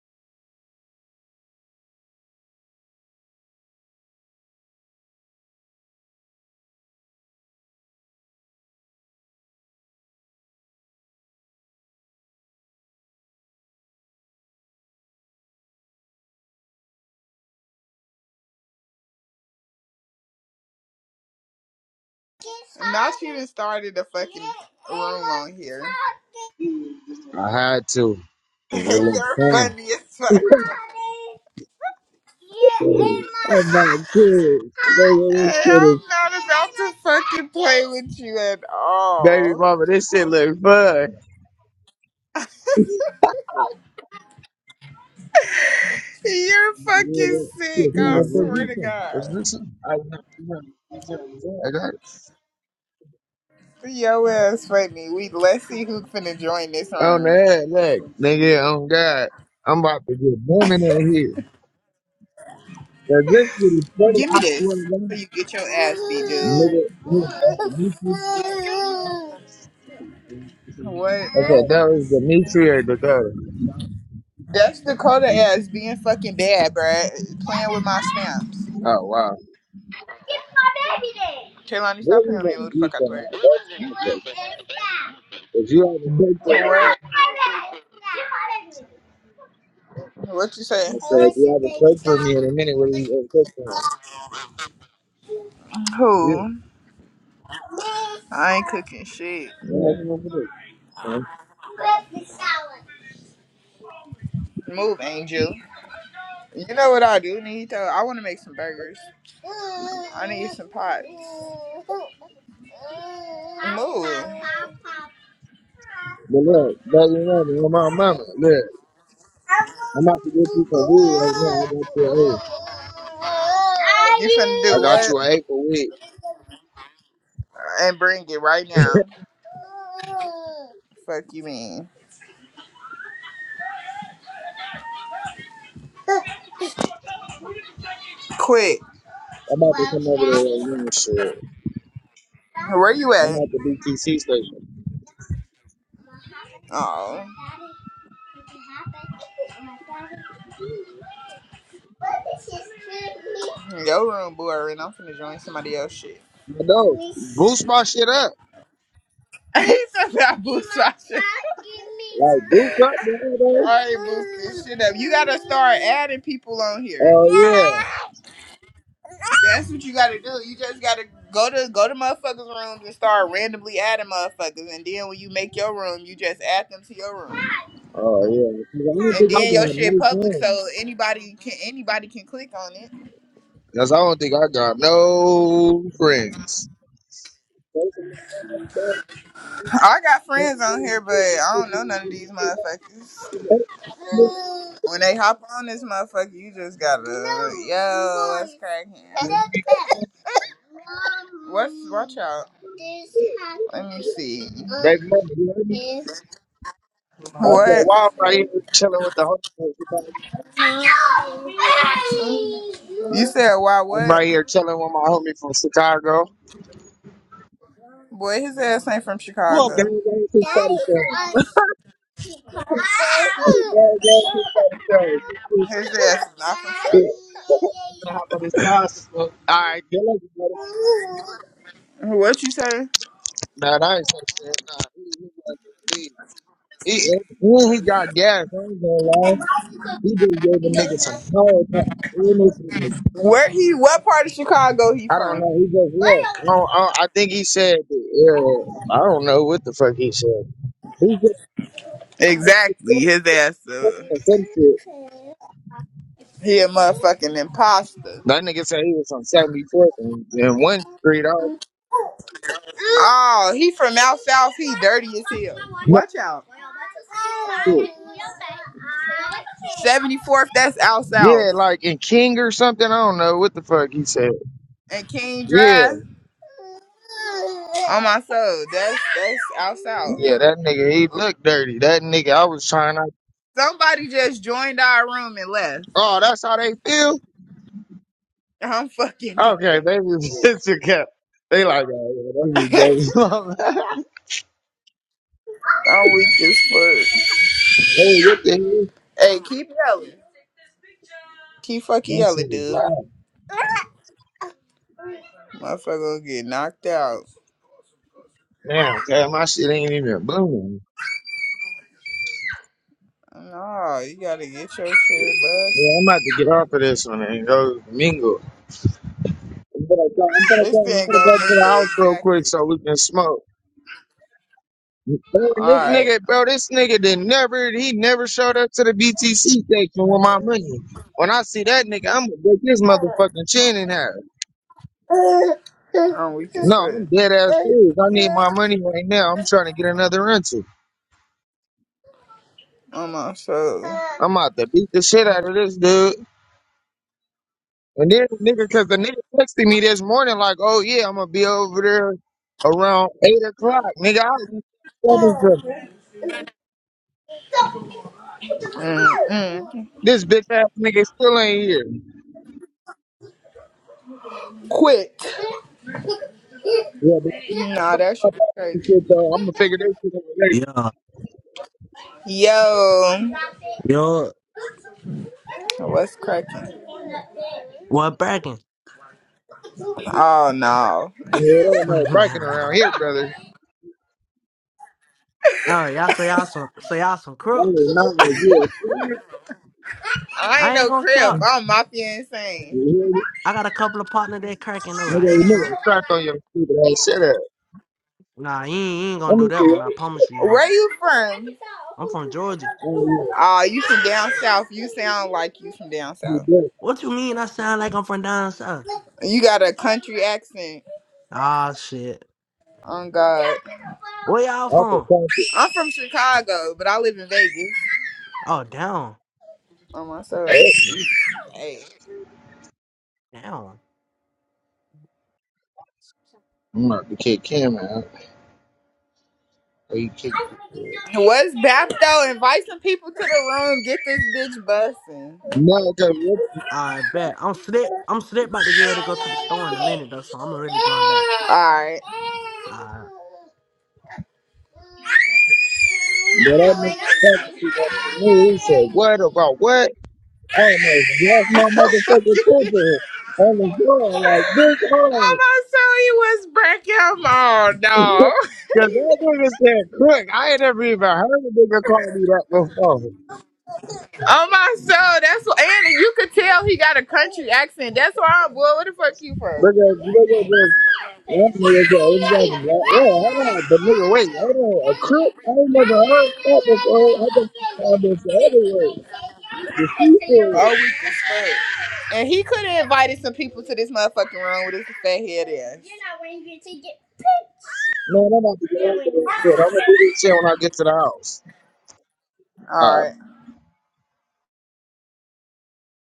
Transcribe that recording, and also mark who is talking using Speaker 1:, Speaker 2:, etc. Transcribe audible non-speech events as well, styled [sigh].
Speaker 1: Not even started a fucking room on here.
Speaker 2: I had to,
Speaker 1: [laughs]
Speaker 2: cause it looked
Speaker 1: You're
Speaker 2: fun.
Speaker 1: funny as fuck.
Speaker 2: Oh my kids. Nigga, this
Speaker 1: Hey,
Speaker 2: shit
Speaker 1: I'm
Speaker 2: is
Speaker 1: not about to fucking play with you at
Speaker 2: baby
Speaker 1: all.
Speaker 2: mama, this shit look fun.
Speaker 1: You're fucking sick.
Speaker 2: Shit,
Speaker 1: I
Speaker 2: motherfucker,
Speaker 1: swear to God.
Speaker 2: What's this? I got, I got it.
Speaker 1: Yo ass funny. We let's see who's finna join this
Speaker 2: on the
Speaker 1: room.
Speaker 2: head, look, nigga, on God. I'm about to get booming on here. Cause this shit is funny,
Speaker 1: Give
Speaker 2: I
Speaker 1: me this
Speaker 2: swear to
Speaker 1: so
Speaker 2: God.
Speaker 1: you get your ass beat, dude.
Speaker 2: Nigga, look, that's Dimitri.
Speaker 1: What?
Speaker 2: I said, that was Dimitri or Dakota.
Speaker 1: That's Dakota ass being fucking bad, bruh. Playing with my stamps.
Speaker 2: Oh, wow.
Speaker 1: Give my baby then. Kaylani,
Speaker 2: What
Speaker 1: stop
Speaker 2: we
Speaker 1: playing with me and
Speaker 2: gonna
Speaker 1: move the
Speaker 2: do
Speaker 1: fuck out the way.
Speaker 2: tonight? That's my question. Cause you haven't cooked for me.
Speaker 1: What? What you say?
Speaker 2: I
Speaker 1: I
Speaker 2: said, you
Speaker 1: your
Speaker 2: haven't
Speaker 1: baby
Speaker 2: cooked for
Speaker 1: doll.
Speaker 2: me in a minute. What are you gonna cook for Yeah,
Speaker 1: Who? I ain't cooking shit.
Speaker 2: yeah,
Speaker 1: Move, Angel. You know what I do need though? I want to make some burgers. I need some pots. Move.
Speaker 2: But look, but you know, man, my mama, look, I'm about to get you some weed right now. I got you, a,
Speaker 1: You finna
Speaker 2: I
Speaker 1: do
Speaker 2: got
Speaker 1: what?
Speaker 2: you an acre of weed.
Speaker 1: And bring it right now. Fuck you mean. Quick.
Speaker 2: I'm about to
Speaker 1: Well,
Speaker 2: come over there
Speaker 1: Daddy.
Speaker 2: right now. and Shit,
Speaker 1: Where you
Speaker 2: I'm
Speaker 1: at?
Speaker 2: at the BTC station.
Speaker 1: Oh. Your room boring. I'm finna join somebody else shit.
Speaker 2: But no, boost my shit up,
Speaker 1: [laughs] he said that boost [laughs]
Speaker 2: like boost up, bro. though.
Speaker 1: All right, boost this shit up. You gotta start adding people on here.
Speaker 2: Oh yeah,
Speaker 1: That's what you gotta do. You just gotta go to go to motherfuckers' rooms and start randomly adding motherfuckers, and then when you make your room, you just add them to your room,
Speaker 2: oh yeah. 'Cause I don't think I
Speaker 1: and then your
Speaker 2: got
Speaker 1: shit
Speaker 2: no
Speaker 1: public, so
Speaker 2: friends.
Speaker 1: anybody can anybody can click on it.
Speaker 2: Cause I don't think I got no friends.
Speaker 1: I got friends on here, but I don't know none of these motherfuckers. When they hop on this motherfucker, you just gotta yo, it's cracking. What's watch out? Let me see.
Speaker 2: Baby mama, you heard me? I said,
Speaker 1: What?
Speaker 2: why I'm right here chilling with the homie from Chicago.
Speaker 1: You said why
Speaker 2: I'm
Speaker 1: what?
Speaker 2: right here chilling with my homie from Chicago.
Speaker 1: Boy, his ass ain't from
Speaker 2: Well, gang,
Speaker 1: Chicago.
Speaker 2: gang, since
Speaker 1: That
Speaker 2: 37.
Speaker 1: is a Chicago.
Speaker 2: Gang, gang, since 37.
Speaker 1: His ass is not from
Speaker 2: Gonna hop on his glasses, bro. All right, good luck.
Speaker 1: Chicago. What you say?
Speaker 2: Nah, that ain't some shit. Nah, he, he, got the lead. he, he, he got gas. I ain't gonna lie. He just gave the nigga some hard time. He in this room.
Speaker 1: Where he? What part of Chicago he
Speaker 2: I don't
Speaker 1: from?
Speaker 2: know. He just left. I, don't, I, I think he said, uh, I don't know what the fuck he said. He said,
Speaker 1: Exactly,
Speaker 2: "Fuck,
Speaker 1: his ass.
Speaker 2: fuck,"
Speaker 1: Uh,
Speaker 2: or some shit.
Speaker 1: he a motherfucking imposter.
Speaker 2: That nigga said he was on 74th and, and one street off.
Speaker 1: Oh, he from out south. He dirty as hell. Watch out.
Speaker 2: Shit.
Speaker 1: Seventy fourth. That's out
Speaker 2: Yeah,
Speaker 1: south.
Speaker 2: like in King or something. I don't know what the fuck he said.
Speaker 1: And King
Speaker 2: Yeah,
Speaker 1: Drive. On my soul. That's that's out south.
Speaker 2: yeah, that nigga, he looked dirty. That nigga, I was trying to.
Speaker 1: Somebody just joined our room and left.
Speaker 2: Oh, that's how they feel?
Speaker 1: I'm fucking
Speaker 2: Okay,
Speaker 1: dead.
Speaker 2: baby, [laughs] it's a cap. [laughs] They like, oh, yeah, that's
Speaker 1: [laughs] I'm
Speaker 2: his baby mama. [laughs] hey,
Speaker 1: weak as fuck.
Speaker 2: what the hell?
Speaker 1: Hey, keep yelling. Keep fucking
Speaker 2: That shit
Speaker 1: yelling,
Speaker 2: is loud.
Speaker 1: dude. Motherfucker gonna get knocked out.
Speaker 2: Damn, okay, my shit ain't even booming.
Speaker 1: No, you gotta get your shit
Speaker 2: Yeah,
Speaker 1: busted.
Speaker 2: I'm about to get off of this one and go mingle. I'm gonna go, I'm gonna go,
Speaker 1: This
Speaker 2: I'm
Speaker 1: thing
Speaker 2: gonna
Speaker 1: go
Speaker 2: go to the
Speaker 1: mingle
Speaker 2: house real quick
Speaker 1: exactly.
Speaker 2: so we can smoke. Man, this
Speaker 1: Alright.
Speaker 2: nigga, bro, this nigga did not never, he never showed up to the BTC section with my money. When I see that nigga, I'm gonna break his motherfucking chin in half.
Speaker 1: I'm weak as
Speaker 2: No,
Speaker 1: fuck.
Speaker 2: I'm dead ass serious. I need my money right now. I'm trying to get another rental.
Speaker 1: I'm on so.
Speaker 2: I'm out to beat the shit out of this dude. And then nigga, cause the nigga texted me this morning like, oh yeah, I'm gonna be over there around eight o'clock. Nigga, I leave at seven something.
Speaker 1: Mm-mm.
Speaker 2: This bitch ass nigga still ain't here.
Speaker 1: Quit.
Speaker 2: Yeah,
Speaker 1: Nah,
Speaker 2: but
Speaker 1: that
Speaker 2: I'm gonna
Speaker 1: shit was
Speaker 2: figure this
Speaker 1: crazy.
Speaker 2: shit though. I'm gonna figure this shit out
Speaker 3: Yo,
Speaker 1: Yo,
Speaker 3: yo,
Speaker 1: what's cracking?
Speaker 3: what bragging?
Speaker 1: Oh no,
Speaker 2: It ain't
Speaker 3: [laughs]
Speaker 2: no breaking around
Speaker 3: oh,
Speaker 2: here, brother. Hey,
Speaker 3: y'all say y'all some say y'all some crooks.
Speaker 2: no, if you a smart.
Speaker 1: I
Speaker 3: I
Speaker 1: ain't
Speaker 3: ain't
Speaker 1: no
Speaker 3: gonna
Speaker 1: crib.
Speaker 3: count.
Speaker 1: I'm mafia
Speaker 2: You
Speaker 1: insane.
Speaker 3: I got a couple of partners that cracking over.
Speaker 2: hear me?
Speaker 3: I
Speaker 2: Nigga, you
Speaker 3: ain't
Speaker 2: need
Speaker 3: Trump.
Speaker 2: a crack on your stupid ass. Shut up.
Speaker 3: Nah, you ain't, you ain't gonna
Speaker 2: Let
Speaker 3: do
Speaker 2: me see.
Speaker 3: that one. I
Speaker 2: eh?
Speaker 3: promise you, you ain't.
Speaker 1: Where you from?
Speaker 3: I'm from Georgia.
Speaker 2: Oh, yeah.
Speaker 1: Oh, you from down south. You sound like you from down
Speaker 2: You
Speaker 1: south.
Speaker 2: did.
Speaker 3: What you mean? I sound like I'm from down south?
Speaker 1: You got a country accent.
Speaker 3: Ah, shit.
Speaker 1: Oh God,
Speaker 3: Where y'all
Speaker 2: Okay.
Speaker 3: from?
Speaker 1: I'm from Chicago, but I live in Vegas.
Speaker 3: Oh, down,
Speaker 1: On my soul. Hey.
Speaker 3: down.
Speaker 2: I'm about to kick him out. Or you kick
Speaker 1: What's Bapto? Invite some people to the room. Get this bitch bussing.
Speaker 2: No, because what
Speaker 3: I bet. I'm slick. I'm slick. About to get ready to go to the store in a minute though, so I'm gonna really join back.
Speaker 1: Alright.
Speaker 2: what
Speaker 1: [laughs]
Speaker 2: that nigga
Speaker 1: I'm
Speaker 2: was talking to that to me, he said, what about what? I almost lost my motherfucking temper on the floor like this hard.
Speaker 1: not sorry it was breaking. Oh dog.
Speaker 2: Cause that nigga said crook. I ain't never even heard a nigga call me that before.
Speaker 1: Oh my soul, that's what and you could tell he got a country accent. That's why I'm boy, where the fuck you from?
Speaker 2: Because nigga just that nigga said, "Yeah." Nigga, wait, hold on. A crook? I ain't never heard that before. I don't think all this other word.
Speaker 1: Oh, we can fuck. And he could have invited some people to this motherfucking room with his fat head ass.
Speaker 2: Man, I'm about to get off of this shit. I'm gonna do this shit when I get to the house. Uh,
Speaker 1: All right.